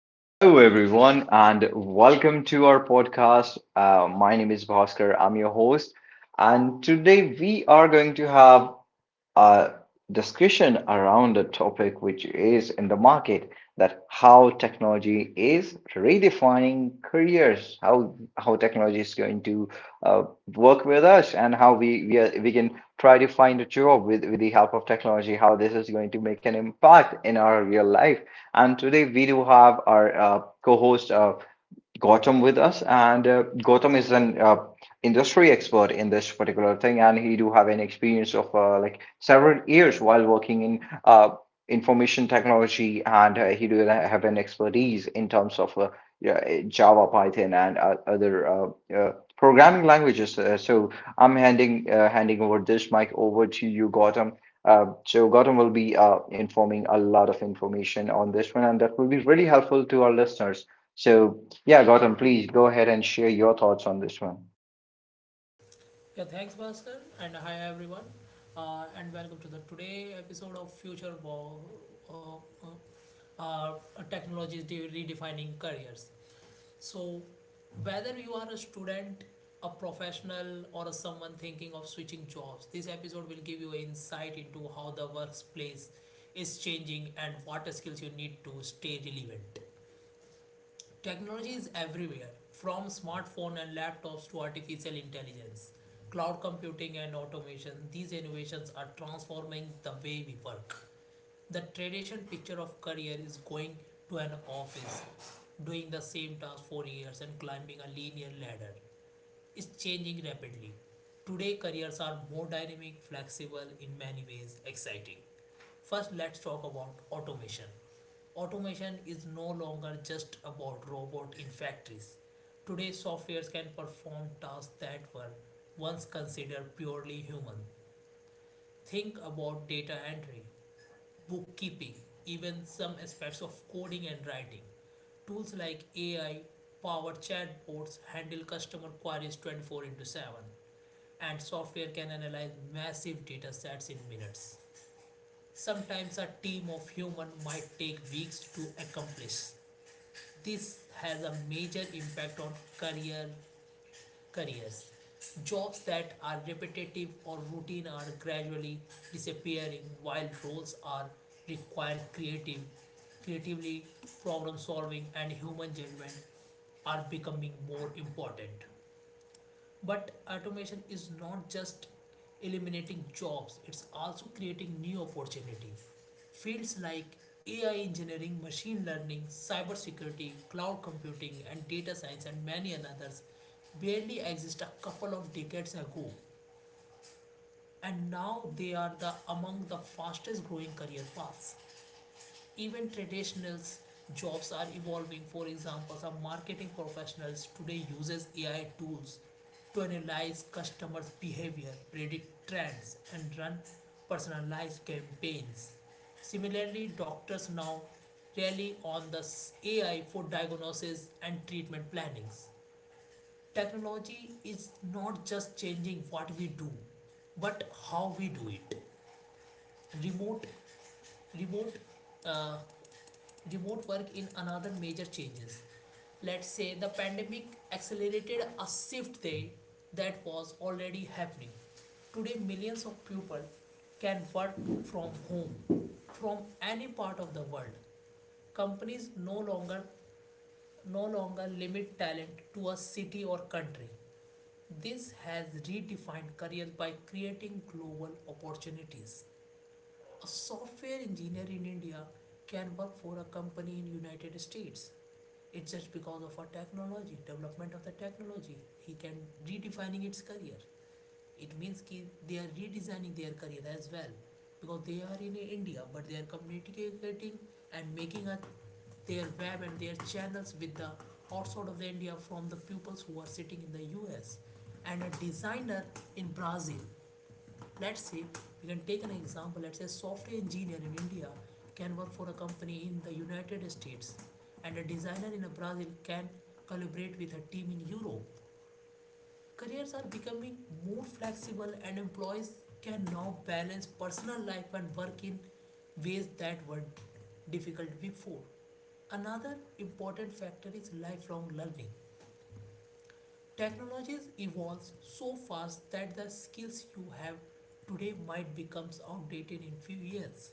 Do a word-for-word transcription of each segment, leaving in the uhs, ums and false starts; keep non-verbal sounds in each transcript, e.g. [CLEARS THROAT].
Hello, everyone, and welcome to our podcast. Uh, my name is Bhaskar, I'm your host, and today we are going to have a discussion around a topic which is in the market, that how technology is redefining careers, how how technology is going to uh, work with us, and how we we, are, we can try to find a job with with the help of technology. How this is going to make an impact in our real life. And today we do have our uh, co-host uh, Gautam with us, and uh, Gautam is an uh, industry expert in this particular thing, and he do have an experience of uh, like several years while working in uh, information technology, and uh, he do have an expertise in terms of uh, yeah, Java, Python, and uh, other uh, uh, programming languages. Uh, so I'm handing uh, handing over this mic over to you, Gautam. Uh, so Gautam will be uh, informing a lot of information on this one, and that will be really helpful to our listeners. So yeah, Gautam, please go ahead and share your thoughts on this one. Yeah, thanks, Bhaskar, and hi everyone, uh, and welcome to the today episode of Future Wo- uh, uh, uh, Technologies de- Redefining Careers. So, whether you are a student, a professional, or someone thinking of switching jobs, this episode will give you insight into how the workplace is changing and what skills you need to stay relevant. Technology is everywhere, from smartphones and laptops to artificial intelligence, cloud computing and automation. These innovations are transforming the way we work. The traditional picture of career is going to an office, doing the same task for years and climbing a linear ladder is changing rapidly. Today, careers are more dynamic, flexible, in many ways exciting. First, let's talk about automation. Automation is no longer just about robots in factories. Today, softwares can perform tasks that were once considered purely human. Think about data entry, bookkeeping, even some aspects of coding and writing. Tools like A I powered chatbots handle customer queries twenty-four into seven, and software can analyze massive data sets in minutes. Sometimes a team of humans might take weeks to accomplish. This has a major impact on career careers. Jobs that are repetitive or routine are gradually disappearing, while roles are require creative creatively problem solving and human judgment are becoming more important. But automation is not just eliminating jobs, it's also creating new opportunities. Fields like A I engineering, machine learning, cybersecurity, cloud computing, and data science, and many others barely exist a couple of decades ago, and now they are the among the fastest growing career paths. Even traditional jobs are evolving. For example, some marketing professionals today uses A I tools to analyze customers behavior, predict trends and run personalized campaigns. Similarly, doctors now rely on the A I for diagnosis and treatment plannings. Technology is not just changing what we do, but how we do it. remote remote uh, Remote work in another major changes. Let's say the pandemic accelerated a shift day that was already happening. Today, millions of people can work from home, from any part of the world. Companies no longer no longer limit talent to a city or country. This has redefined careers by creating global opportunities. A software engineer in India can work for a company in United States. It's just because of our technology, development of the technology. He can redefining its career. It means कि they are redesigning their career as well, because they are in India, but they are communicating and making a, their web and their channels with the outside of the India from the pupils who are sitting in the U S, and a designer in Brazil. Let's say we can take an example. Let's say a software engineer in India can work for a company in the United States, and a designer in Brazil can collaborate with a team in Europe. Careers are becoming more flexible, and employees can now balance personal life and work in ways that were difficult before. Another important factor is lifelong learning. Technologies evolves so fast that the skills you have today might become outdated in few years.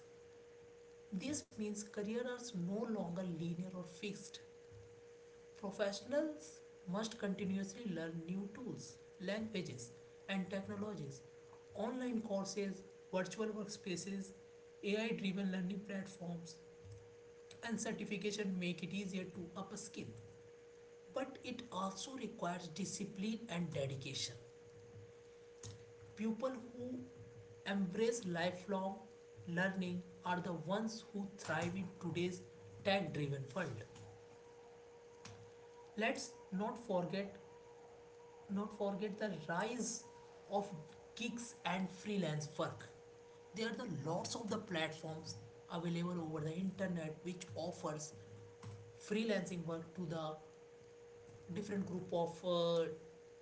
This means careers are no longer linear or fixed. Professionals must continuously learn new tools, languages, and technologies. Online courses, virtual workspaces, A I-driven learning platforms, and certification make it easier to upskill. But it also requires discipline and dedication. People who embrace lifelong learning are the ones who thrive in today's tech-driven world. Let's not forget not forget the rise of gigs and freelance work. There are the lots of the platforms available over the internet which offers freelancing work to the different group of uh,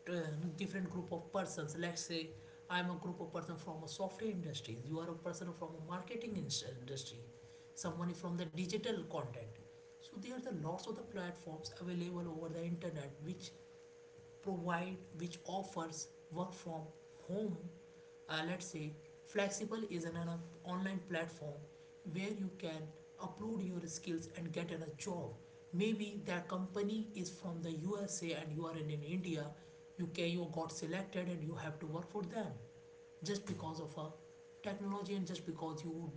t- uh, no, different group of persons. Let's say I'm a group of person from a software industry, you are a person from a marketing industry, someone is from the digital content. So there are the lots of the platforms available over the internet which provide which offers work from home. Uh, let's say flexible is an, online platform where you can upload your skills and get an, a job. Maybe that company is from the U S A and you are in, in India. You can you got selected and you have to work for them, just because of a technology and just because you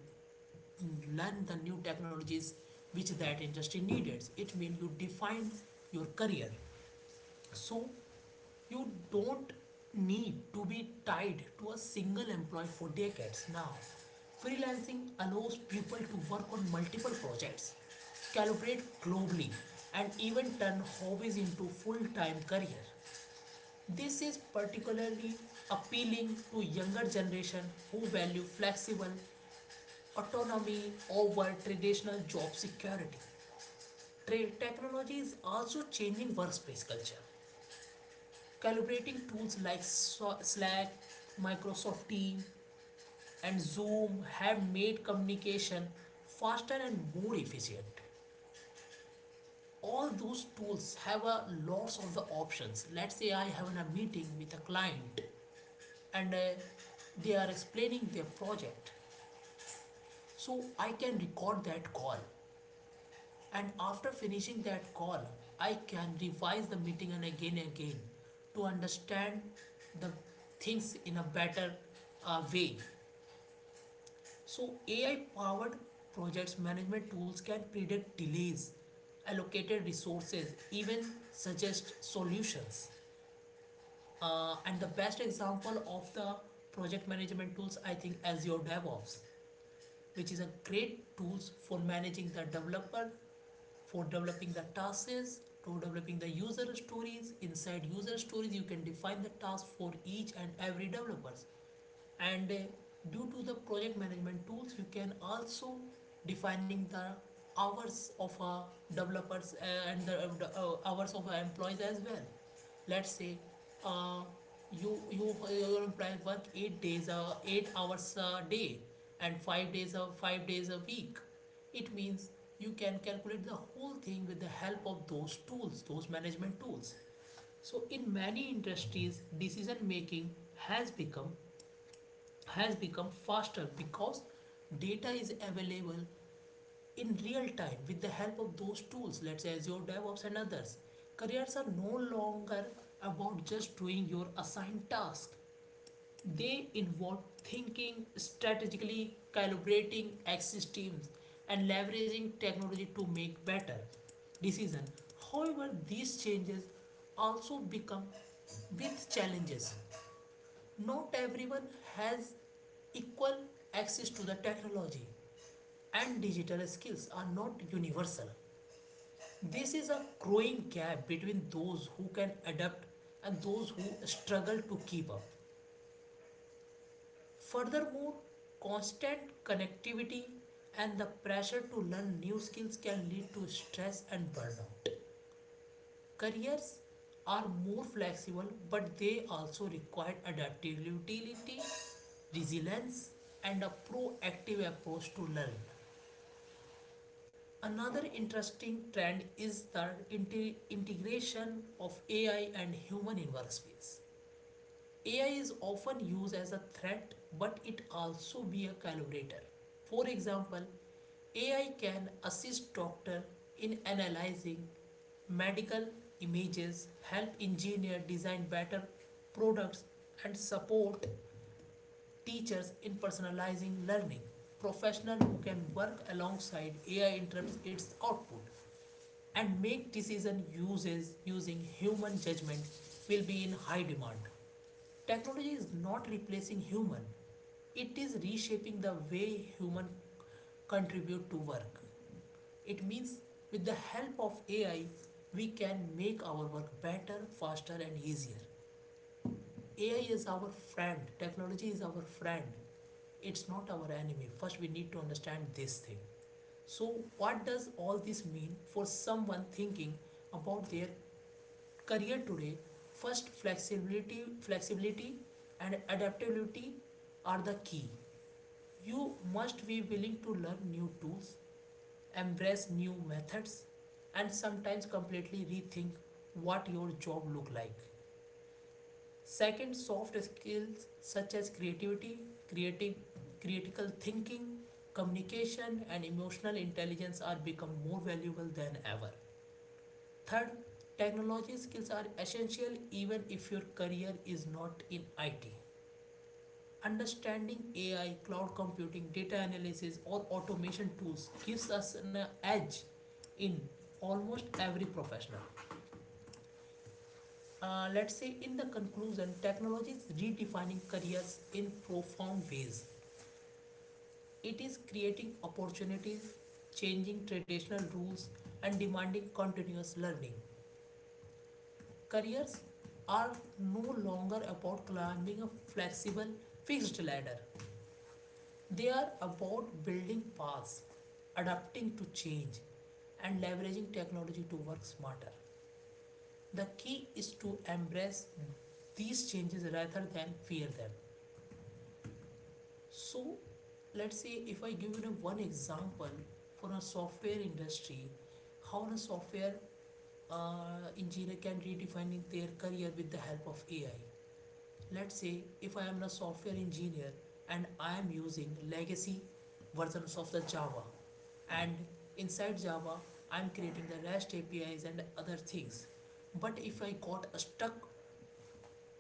learn the new technologies which that industry needed. It means you define your career. So you don't need to be tied to a single employee for decades now. Freelancing allows people to work on multiple projects, collaborate globally, and even turn hobbies into full-time career. This is particularly appealing to younger generation who value flexible autonomy over traditional job security. Tra- technology is also changing workspace culture. Collaborating tools like So- Slack, Microsoft Teams, and Zoom have made communication faster and more efficient. All those tools have a lots of the options. Let's say I have a meeting with a client, and uh, they are explaining their project. So I can record that call, and after finishing that call, I can revise the meeting and again and again to understand the things in a better uh, way. So, A I powered projects management tools can predict delays, allocated resources, even suggest solutions. Uh, and the best example of the project management tools, I think, Azure DevOps, which is a great tools for managing the developer, for developing the tasks, to developing the user stories. Inside user stories, you can define the task for each and every developers, and uh, due to the project management tools you can also defining the hours of uh, developers uh, and the uh, hours of employees as well. Let's say uh, you you your employee work eight days uh, eight hours a day and five days a five days a week. It means you can calculate the whole thing with the help of those tools, those management tools. So in many industries decision making has become has become faster because data is available in real time with the help of those tools, let's say Azure DevOps and others. Careers are no longer about just doing your assigned task, they involve thinking, strategically calibrating access teams, and leveraging technology to make better decisions. However, these changes also become with challenges. Not everyone has equal access to the technology, and digital skills are not universal. This is a growing gap between those who can adapt and those who struggle to keep up. Furthermore, constant connectivity and the pressure to learn new skills can lead to stress and burnout. Careers are more flexible, but they also require adaptability, resilience, and a proactive approach to learn. Another interesting trend is the inte- integration of A I and human in workspace. A I is often used as a threat, but it also be a collaborator. For example, A I can assist doctor in analyzing medical images, help engineer design better products, and support teachers in personalizing learning. Professional who can work alongside A I interrupts its output and make decision uses using human judgment will be in high demand. Technology is not replacing human. It is reshaping the way human contribute to work. It means with the help of A I, we can make our work better, faster and easier. A I is our friend. Technology is our friend. It's not our enemy. First we need to understand this thing. So what does all this mean for someone thinking about their career today? First, flexibility flexibility and adaptability are the key. You must be willing to learn new tools, embrace new methods, and sometimes completely rethink what your job look like. Second, soft skills such as creativity creating critical thinking, communication and emotional intelligence are become more valuable than ever. Third, technology skills are essential even if your career is not in I T. Understanding A I, cloud computing, data analysis, or automation tools gives us an edge in almost every professional. Uh, let's say, in the conclusion, technology is redefining careers in profound ways. It is creating opportunities, changing traditional rules, and demanding continuous learning. Careers are no longer about climbing a flexible, fixed ladder. They are about building paths, adapting to change, and leveraging technology to work smarter. The key is to embrace these changes rather than fear them. So, let's say if I give you one example for a software industry, how a software uh, engineer can redefine their career with the help of A I. Let's say if I am a software engineer and I am using legacy versions of the Java, and inside Java I'm creating the R E S T A P Is and other things. But if I got stuck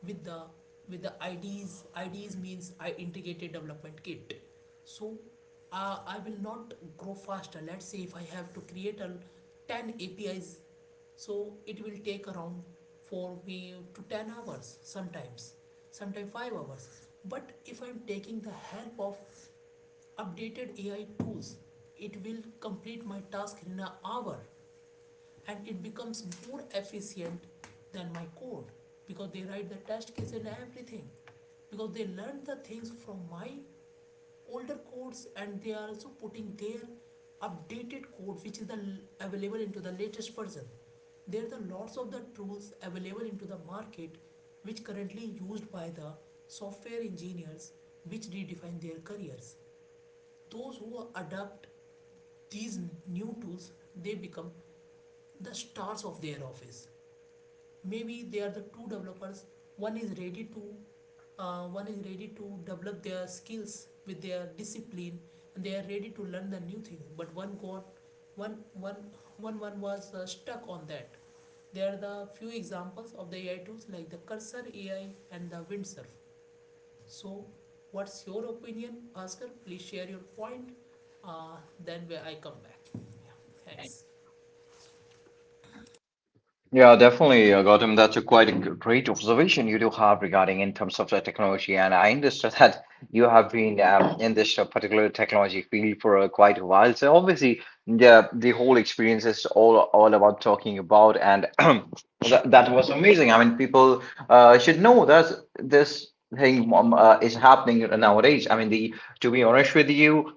with the with the I Ds. I Ds means I Ds means integrated development kit. So uh, I will not grow faster. Let's say if I have to create a ten A P Is, so it will take around for me to ten hours sometimes, sometimes five hours. But if I'm taking the help of updated A I tools, it will complete my task in an hour, and it becomes more efficient than my code because they write the test case and everything, because they learned the things from my older codes and they are also putting their updated code which is the available into the latest version. There are the lots of the tools available into the market which currently used by the software engineers, which redefine their careers. Those who adapt these new tools, they become the stars of their office. Maybe they are the two developers. One is ready to uh, one is ready to develop their skills with their discipline and they are ready to learn the new thing, but one got one one one one was uh, stuck on that. There are the few examples of the AI tools like the cursor AI and the windsurf. So, what's your opinion, Bhaskar? Please share your point. Uh, then we- I come back. Yeah, thanks. Yeah, definitely, uh, Gautam. That's a quite a g- great observation you do have regarding in terms of the technology. And I understand that you have been um, in this uh, particular technology field for uh, quite a while. So obviously, the the whole experience is all all about talking about, and [CLEARS THROAT] that, that was amazing. I mean, people uh, should know that this thing um, uh, is happening nowadays. I mean, the to be honest with you,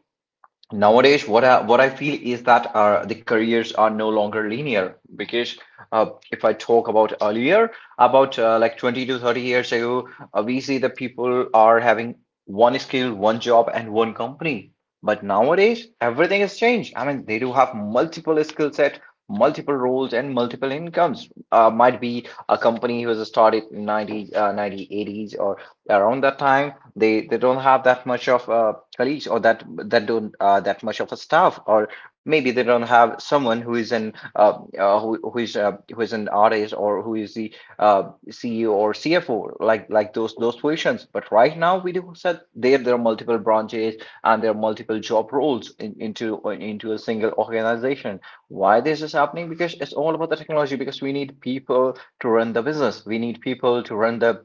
nowadays, what I, what I feel is that uh, the careers are no longer linear because, uh, if I talk about earlier, about uh, like 20 to 30 years ago, uh, we see that people are having one skill, one job, and one company. But nowadays, everything has changed. I mean, they do have multiple skill set, multiple roles, and multiple incomes. Uh, might be a company who was started in ninety, uh, ninety, eighties or around that time, they they don't have that much of uh, colleagues, or that that don't uh, that much of a staff, or maybe they don't have someone who is an uh, uh, who who is uh, who is an artist, or who is the uh, C E O or C F O, like like those those positions. But right now we do said there, there are multiple branches and there are multiple job roles in, into into a single organization. Why this is happening? Because it's all about the technology. Because we need people to run the business. We need people to run the—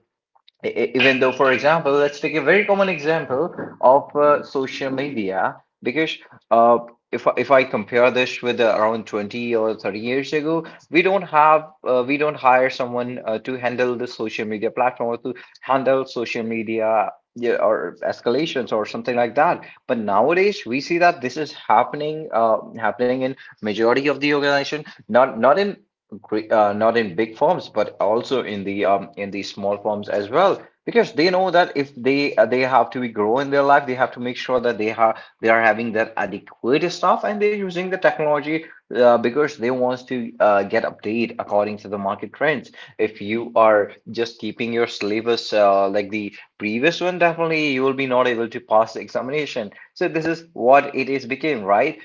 E- e- even though, for example, let's take a very common example of uh, social media, because uh, if, I- if I compare this with uh, around 20 or 30 years ago, we don't have uh, we don't hire someone uh, to handle the social media platform or to handle social media, yeah, or escalations or something like that. But nowadays we see that this is happening uh, happening in majority of the organization, not not in gre- uh, not in big firms, but also in the um, in the small firms as well, because they know that if they uh, they have to be grow in their life, they have to make sure that they are they are having that adequate stuff and they're using the technology, uh, because they wants to uh, get update according to the market trends. If you are just keeping your syllabus uh, like the previous one, definitely you will be not able to pass the examination. So this is what it is became, right?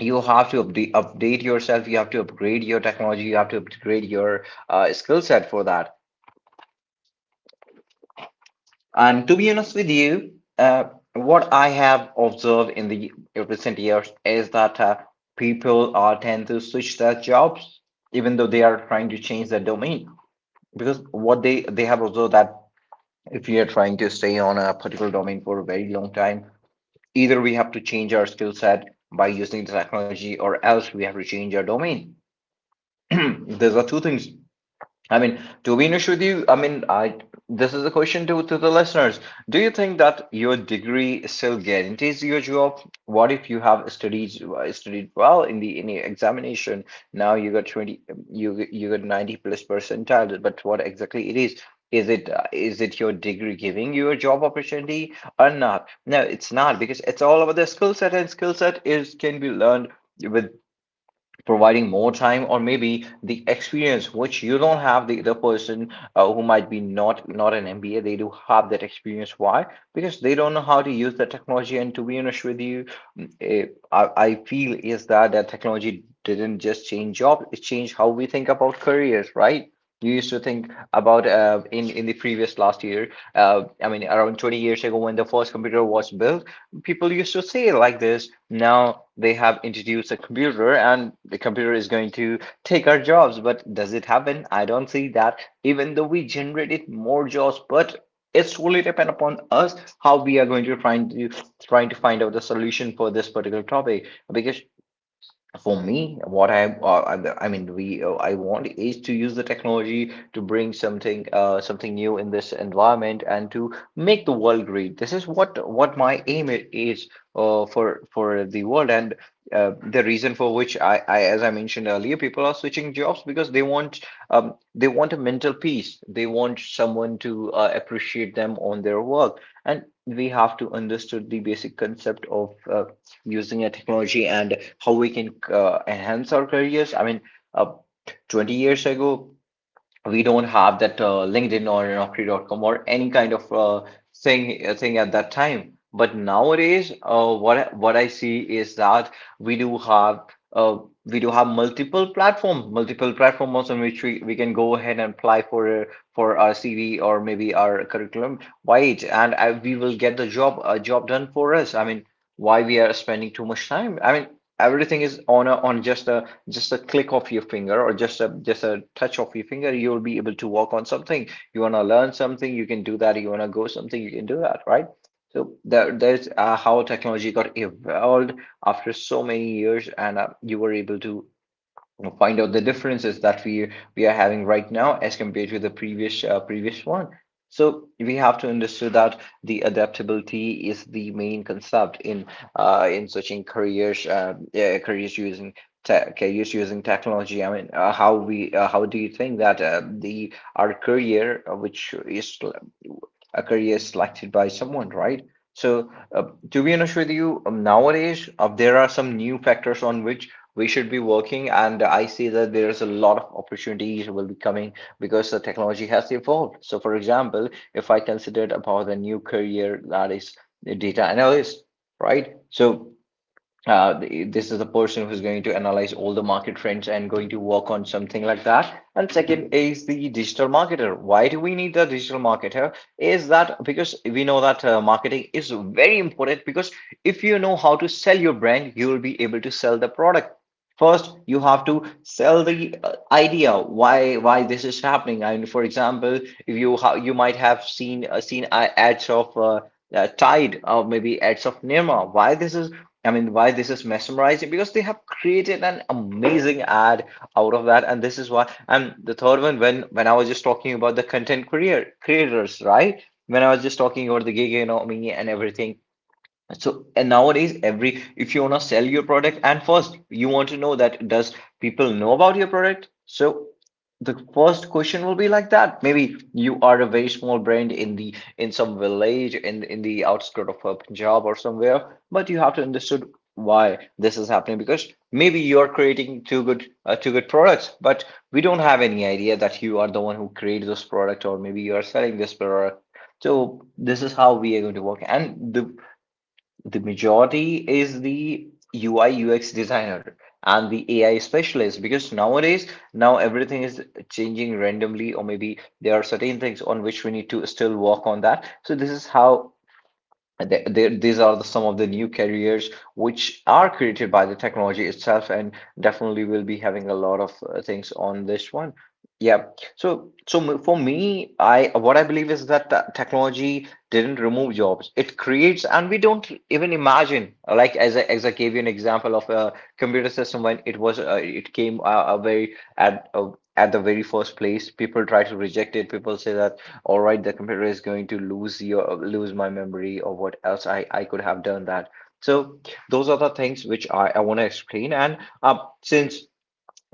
You have to update, update yourself, you have to upgrade your technology, you have to upgrade your uh, skill set for that. And to be honest with you, uh, what I have observed in the recent years is that uh, people uh, tend to switch their jobs, even though they are trying to change their domain, because what they they have observed that if we are trying to stay on a particular domain for a very long time, either we have to change our skill set by using the technology, or else we have to change our domain. [CLEARS THROAT] Those are two things. I mean, to be honest with you, I mean, I this is a question to to the listeners. Do you think that your degree still guarantees your job? What if you have studied studied well in the in the examination? Now you got 20, you got- you got 90 plus percentile, but what exactly it is? Is it uh, is it your degree giving you a job opportunity or not? No, it's not, because it's all about the skill set, and skill set is can be learned with providing more time, or maybe the experience which you don't have, the other person uh, who might be not not an M B A, they do have that experience. Why? Because they don't know how to use the technology. And to be honest with you, mm, eh, I, I feel is that that technology didn't just change jobs, it changed how we think about careers, right? You used to think about uh, in in the previous last year, uh, I mean around 20 years ago, when the first computer was built, people used to say it like this. Now they have introduced a computer and the computer is going to take our jobs. But does it happen? I don't see that. Even though we generated more jobs, but it's really depend upon us how we are going to find to trying to find out the solution for this particular topic. Because for me, what I, uh, I I mean, we, uh, I want is to use the technology to bring something, uh, something new in this environment and to make the world great. This is what what my aim i- is, uh, for for the world. And uh, the reason for which I, I, as I mentioned earlier, people are switching jobs because they want, um, they want a mental peace. They want someone to uh, appreciate them on their work, and we have to understood the basic concept of uh, using a technology and how we can uh, enhance our careers. I mean, uh, 20 years ago, we don't have that uh, LinkedIn or naukri dot com or any kind of uh, thing uh, thing at that time. But nowadays, uh, what I- what I see is that we do have uh, we do have multiple platforms, multiple platforms on which we, we can go ahead and apply for uh, for our C V or maybe our curriculum vitae, and I, we will get the job a job done for us. I mean, why we are spending too much time? I mean, everything is on a, on just a just a click of your finger, or just a just a touch of your finger. You'll be able to work on something, you want to learn something you can do that, you want to go something you can do that, right? So that that's uh, how technology got evolved after so many years, and uh, you were able to— we'll find out the differences that we we are having right now as compared to the previous uh, previous one. So we have to understand that the adaptability is the main concept in uh, in switching careers, uh, yeah, careers using careers using technology. I mean, uh, how we uh, how do you think that uh, the our career, uh, which is a career selected by someone, right? So, uh, to be honest with you, um, nowadays uh, there are some new factors on which we should be working, and I see that there's a lot of opportunities will be coming because the technology has evolved. So for example, if I considered about the new career, that is data analyst, right? So uh, th- this is the person who's going to analyze all the market trends and going to work on something like that. And second is the digital marketer. Why do we need the digital marketer? Is that because we know that uh, marketing is very important, because if you know how to sell your brand, you will be able to sell the product. First, you have to sell the uh, idea why why this is happening. And for example, if you ha you might have seen uh, seen uh, ads of uh, uh, Tide, or maybe ads of Nirma. Why this is— I mean, why this is mesmerizing, because they have created an amazing ad out of that, and this is why. And the third one, when when I was just talking about the content creator creators, right? When I was just talking about the gig economy and everything, so and nowadays, every if you want to sell your product, and first you want to know that does people know about your product? So the first question will be like that. Maybe you are a very small brand in the in some village in in the outskirt of uh, Punjab or somewhere, but you have to understood why this is happening because maybe you are creating two good uh, two good products, but we don't have any idea that you are the one who created this product or maybe you are selling this product. So this is how we are going to work. And the the majority is the U I U X designer and the A I specialist because nowadays, now everything is changing randomly, or maybe there are certain things on which we need to still work on that. So, this is how and th- th- these are the, some of the new careers which are created by the technology itself, and definitely we'll be having a lot of uh, things on this one. Yeah. So, so m- for me, I what I believe is that the technology didn't remove jobs; it creates, and we don't even imagine. Like as I, as I gave you an example of a computer system when it was uh, it came uh, a very at uh, at the very first place, people try to reject it. People say that all right, the computer is going to lose your lose my memory or what else I, I could have done that. So those are the things which I, I want to explain. And uh, since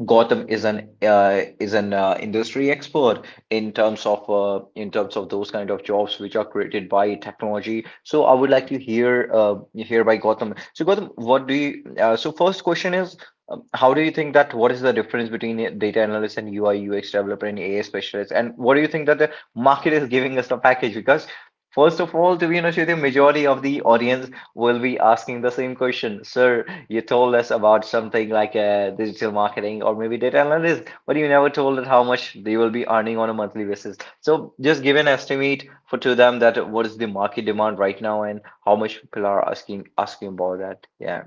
Gotham is an uh, is an uh, industry expert in terms of uh, in terms of those kind of jobs which are created by technology. So I would like to hear uh, hear by Gotham. So Gotham, what do you? Uh, so first question is, um, how do you think that what is the difference between a data analyst and U I U X developer and A I specialist? And what do you think that the market is giving us the package? Because first of all, to be honest with you, majority of the audience will be asking the same question, sir you told us about something like uh, digital marketing or maybe data analytics, but you never told us how much they will be earning on a monthly basis. So just give an estimate for to them that what is the market demand right now and how much people are asking asking about that. Yeah.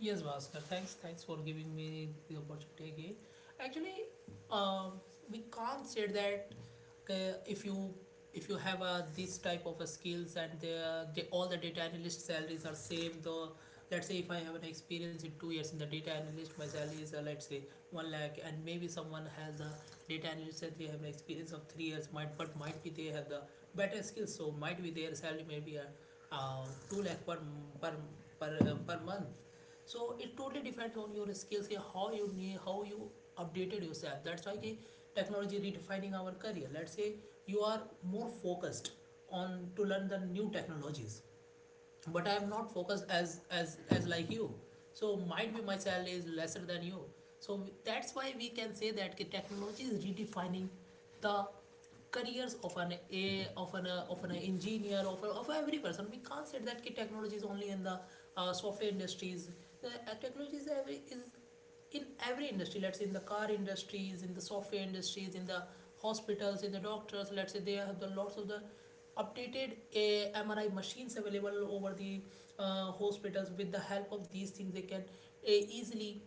Yes, Bhaskar. Thanks, thanks for giving me the opportunity again. Actually, um, we can't say that uh, if you if you have a this type of a skills and the, the all the data analyst salaries are same. Though, let's say if I have an experience in two years in the data analyst, my salary is, uh, let's say, one lakh, and maybe someone has a data analyst that they have an experience of three years, might but might be they have the better skills, so might be their salary maybe uh, uh, two lakh per per per, uh, per month. So it totally depends on your skills, how you need how you updated yourself. That's why technology redefining our career. Let's say you are more focused on to learn the new technologies, but I am not focused as as as like you, so might be my salary is lesser than you. So that's why we can say that ki technology is redefining the careers of an a of an uh, of an engineer of, of every person. We can't say that ki technology is only in the uh, software industries. The uh, technology is every is in every industry. Let's say in the car industries, in the software industries, in the hospitals, in the doctors. Let's say they have the lots of the updated uh, MRI machines available over the uh, hospitals. With the help of these things they can uh, easily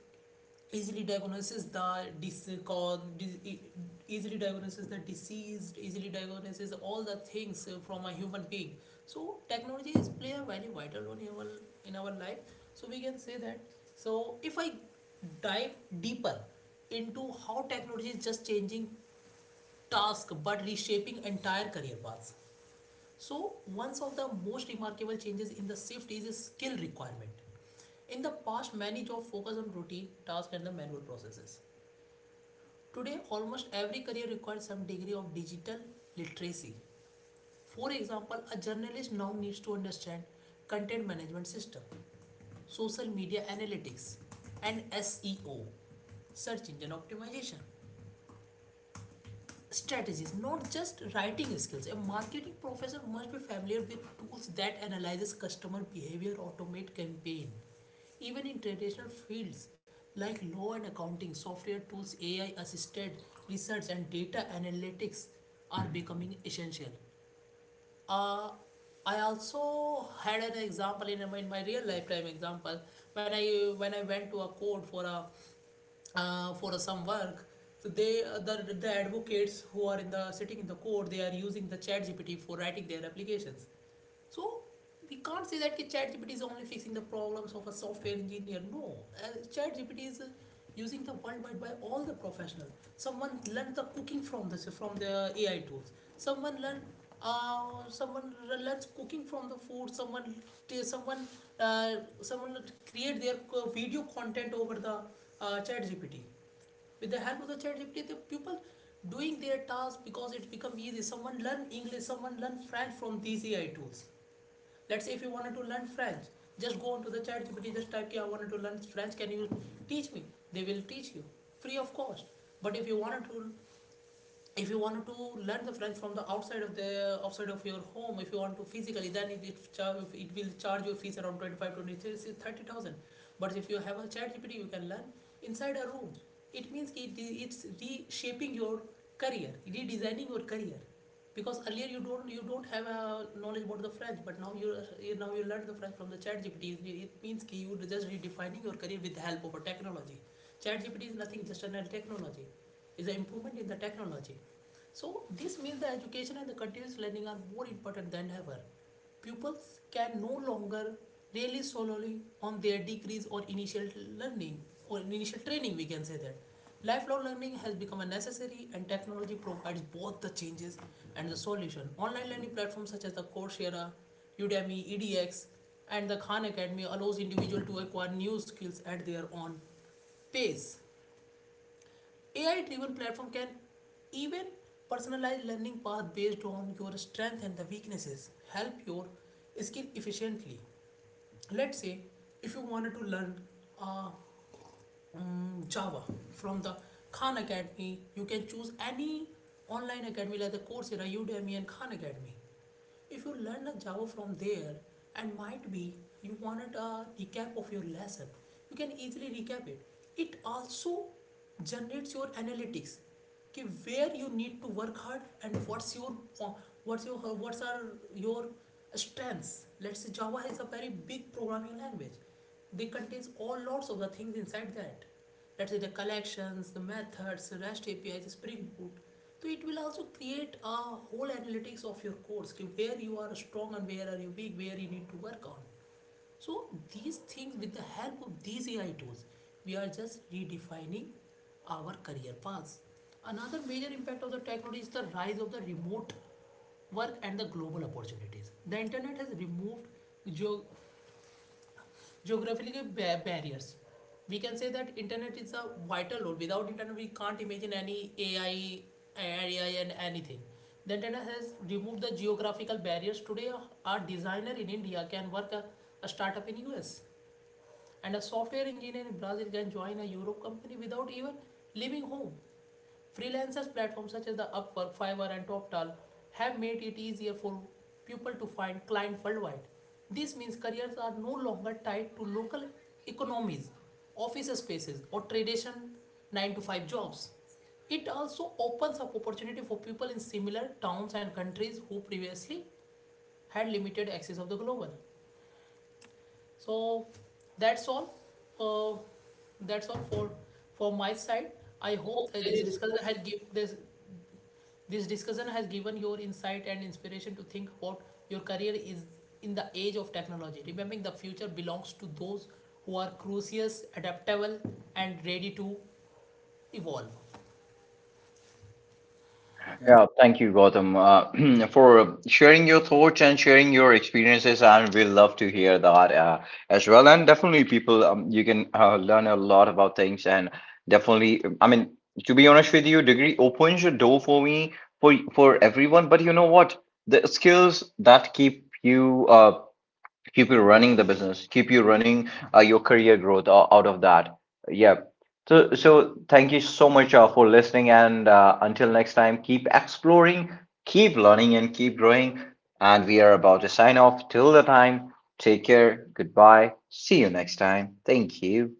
easily diagnoses the dis- cause, dis- e- easily diagnoses the diseased easily diagnoses all the things uh, from a human being. So technology is play a very vital role in our, in our life. So we can say that, so if I dive deeper into how technology is just changing task but reshaping entire career paths. So one of the most remarkable changes in the shift is a skill requirement. In the past, many jobs focus on routine tasks and the manual processes. Today, almost every career requires some degree of digital literacy. For example, a journalist now needs to understand content management system, social media analytics, and S E O, search engine optimization strategies, not just writing skills. A marketing professor must be familiar with tools that analyzes customer behavior, automate campaign. Even in traditional fields like law and accounting, software tools, A I assisted research and data analytics are becoming essential. Uh, I also had an example in my, in my real lifetime example, when I when I went to a court for a uh, for uh, some work. So they uh, the, the advocates who are in the sitting in the court, they are using the ChatGPT for writing their applications. So we can't say that ChatGPT is only fixing the problems of a software engineer. No, uh, ChatGPT is uh, using the worldwide by all the professionals. Someone learned the cooking from this, from the A I tools. Someone learned. Uh, someone learns cooking from the food. Someone, someone, uh, Someone create their video content over the uh, ChatGPT. With the help of the ChatGPT, the people doing their tasks because it's become easy. Someone learn English, someone learn French from these A I tools. Let's say if you wanted to learn French, just go onto the chat gpt just type, I wanted to learn French, can you teach me. They will teach you free of cost. But if you wanted to, if you want to learn the French from the outside of the outside of your home, if you want to physically, then it, it, char- it will charge your fees around twenty five, twenty three, thirty thousand. But if you have a chat gpt you can learn inside a room. It means it, it's reshaping your career, redesigning your career, because earlier you don't you don't have a knowledge about the French, but now you now you learn the French from the chat gpt it means ki you are just redefining your career with the help of a technology. Chat gpt is nothing just an technology. It's an improvement in the technology. So this means the education and the continuous learning are more important than ever. Pupils can no longer rely solely on their degrees or initial learning or initial training. We can say that lifelong learning has become a necessary, and technology provides both the changes and the solution. Online learning platforms such as the Coursera, Udemy, E D X, and the Khan Academy allows individual to acquire new skills at their own pace. A I driven platform can even personalize learning path based on your strength and the weaknesses, help your skill efficiently. Let's say if you wanted to learn a um, Java from the Khan Academy. You can choose any online academy like the Coursera, Udemy, and Khan Academy. If you learn a Java from there, and might be you wanted a recap of your lesson, you can easily recap it. It also generates your analytics कि where you need to work hard and what's your what's your what's are your strengths. Let's say Java is a very big programming language, they contains all lots of the things inside that. Let's say the collections, the methods, REST A P Is, Spring Boot. So it will also create a whole analytics of your course, where you are strong and where are you weak, where you need to work on. So these things, with the help of these A I tools, we are just redefining our career paths. Another major impact of the technology is the rise of the remote work and the global opportunities. The internet has removed geo- geographical barriers. We can say that internet is a vital role. Without internet we can't imagine any ai ai and anything. The internet has removed the geographical barriers. Today a, a designer in India can work a, a startup in US, and a software engineer in Brazil can join a Europe company without even leaving home. Freelancers platforms such as the Upwork, Fiverr, and TopTal have made it easier for people to find clients worldwide. This means careers are no longer tied to local economies, office spaces, or traditional nine to five jobs. It also opens up opportunity for people in similar towns and countries who previously had limited access of the global. So that's all. Uh, that's all for for my side. I hope that this discussion has given this this discussion has given your insight and inspiration to think about your career is in the age of technology. Remembering the future belongs to those who are curious, adaptable, and ready to evolve. Yeah, thank you, Gautam, uh, [CLEARS THROAT] for sharing your thoughts and sharing your experiences, and we love to hear that uh, as well. And definitely, people, um, you can uh, learn a lot about things, and definitely, I mean, to be honest with you, degree opens a door for me for for everyone. But you know what? The skills that keep you uh, keep you running the business, keep you running uh, your career growth, o- out of that, yeah. So so thank you so much uh, for listening, and uh, until next time, keep exploring, keep learning, and keep growing. And we are about to sign off. Till the time, take care, goodbye, see you next time, thank you.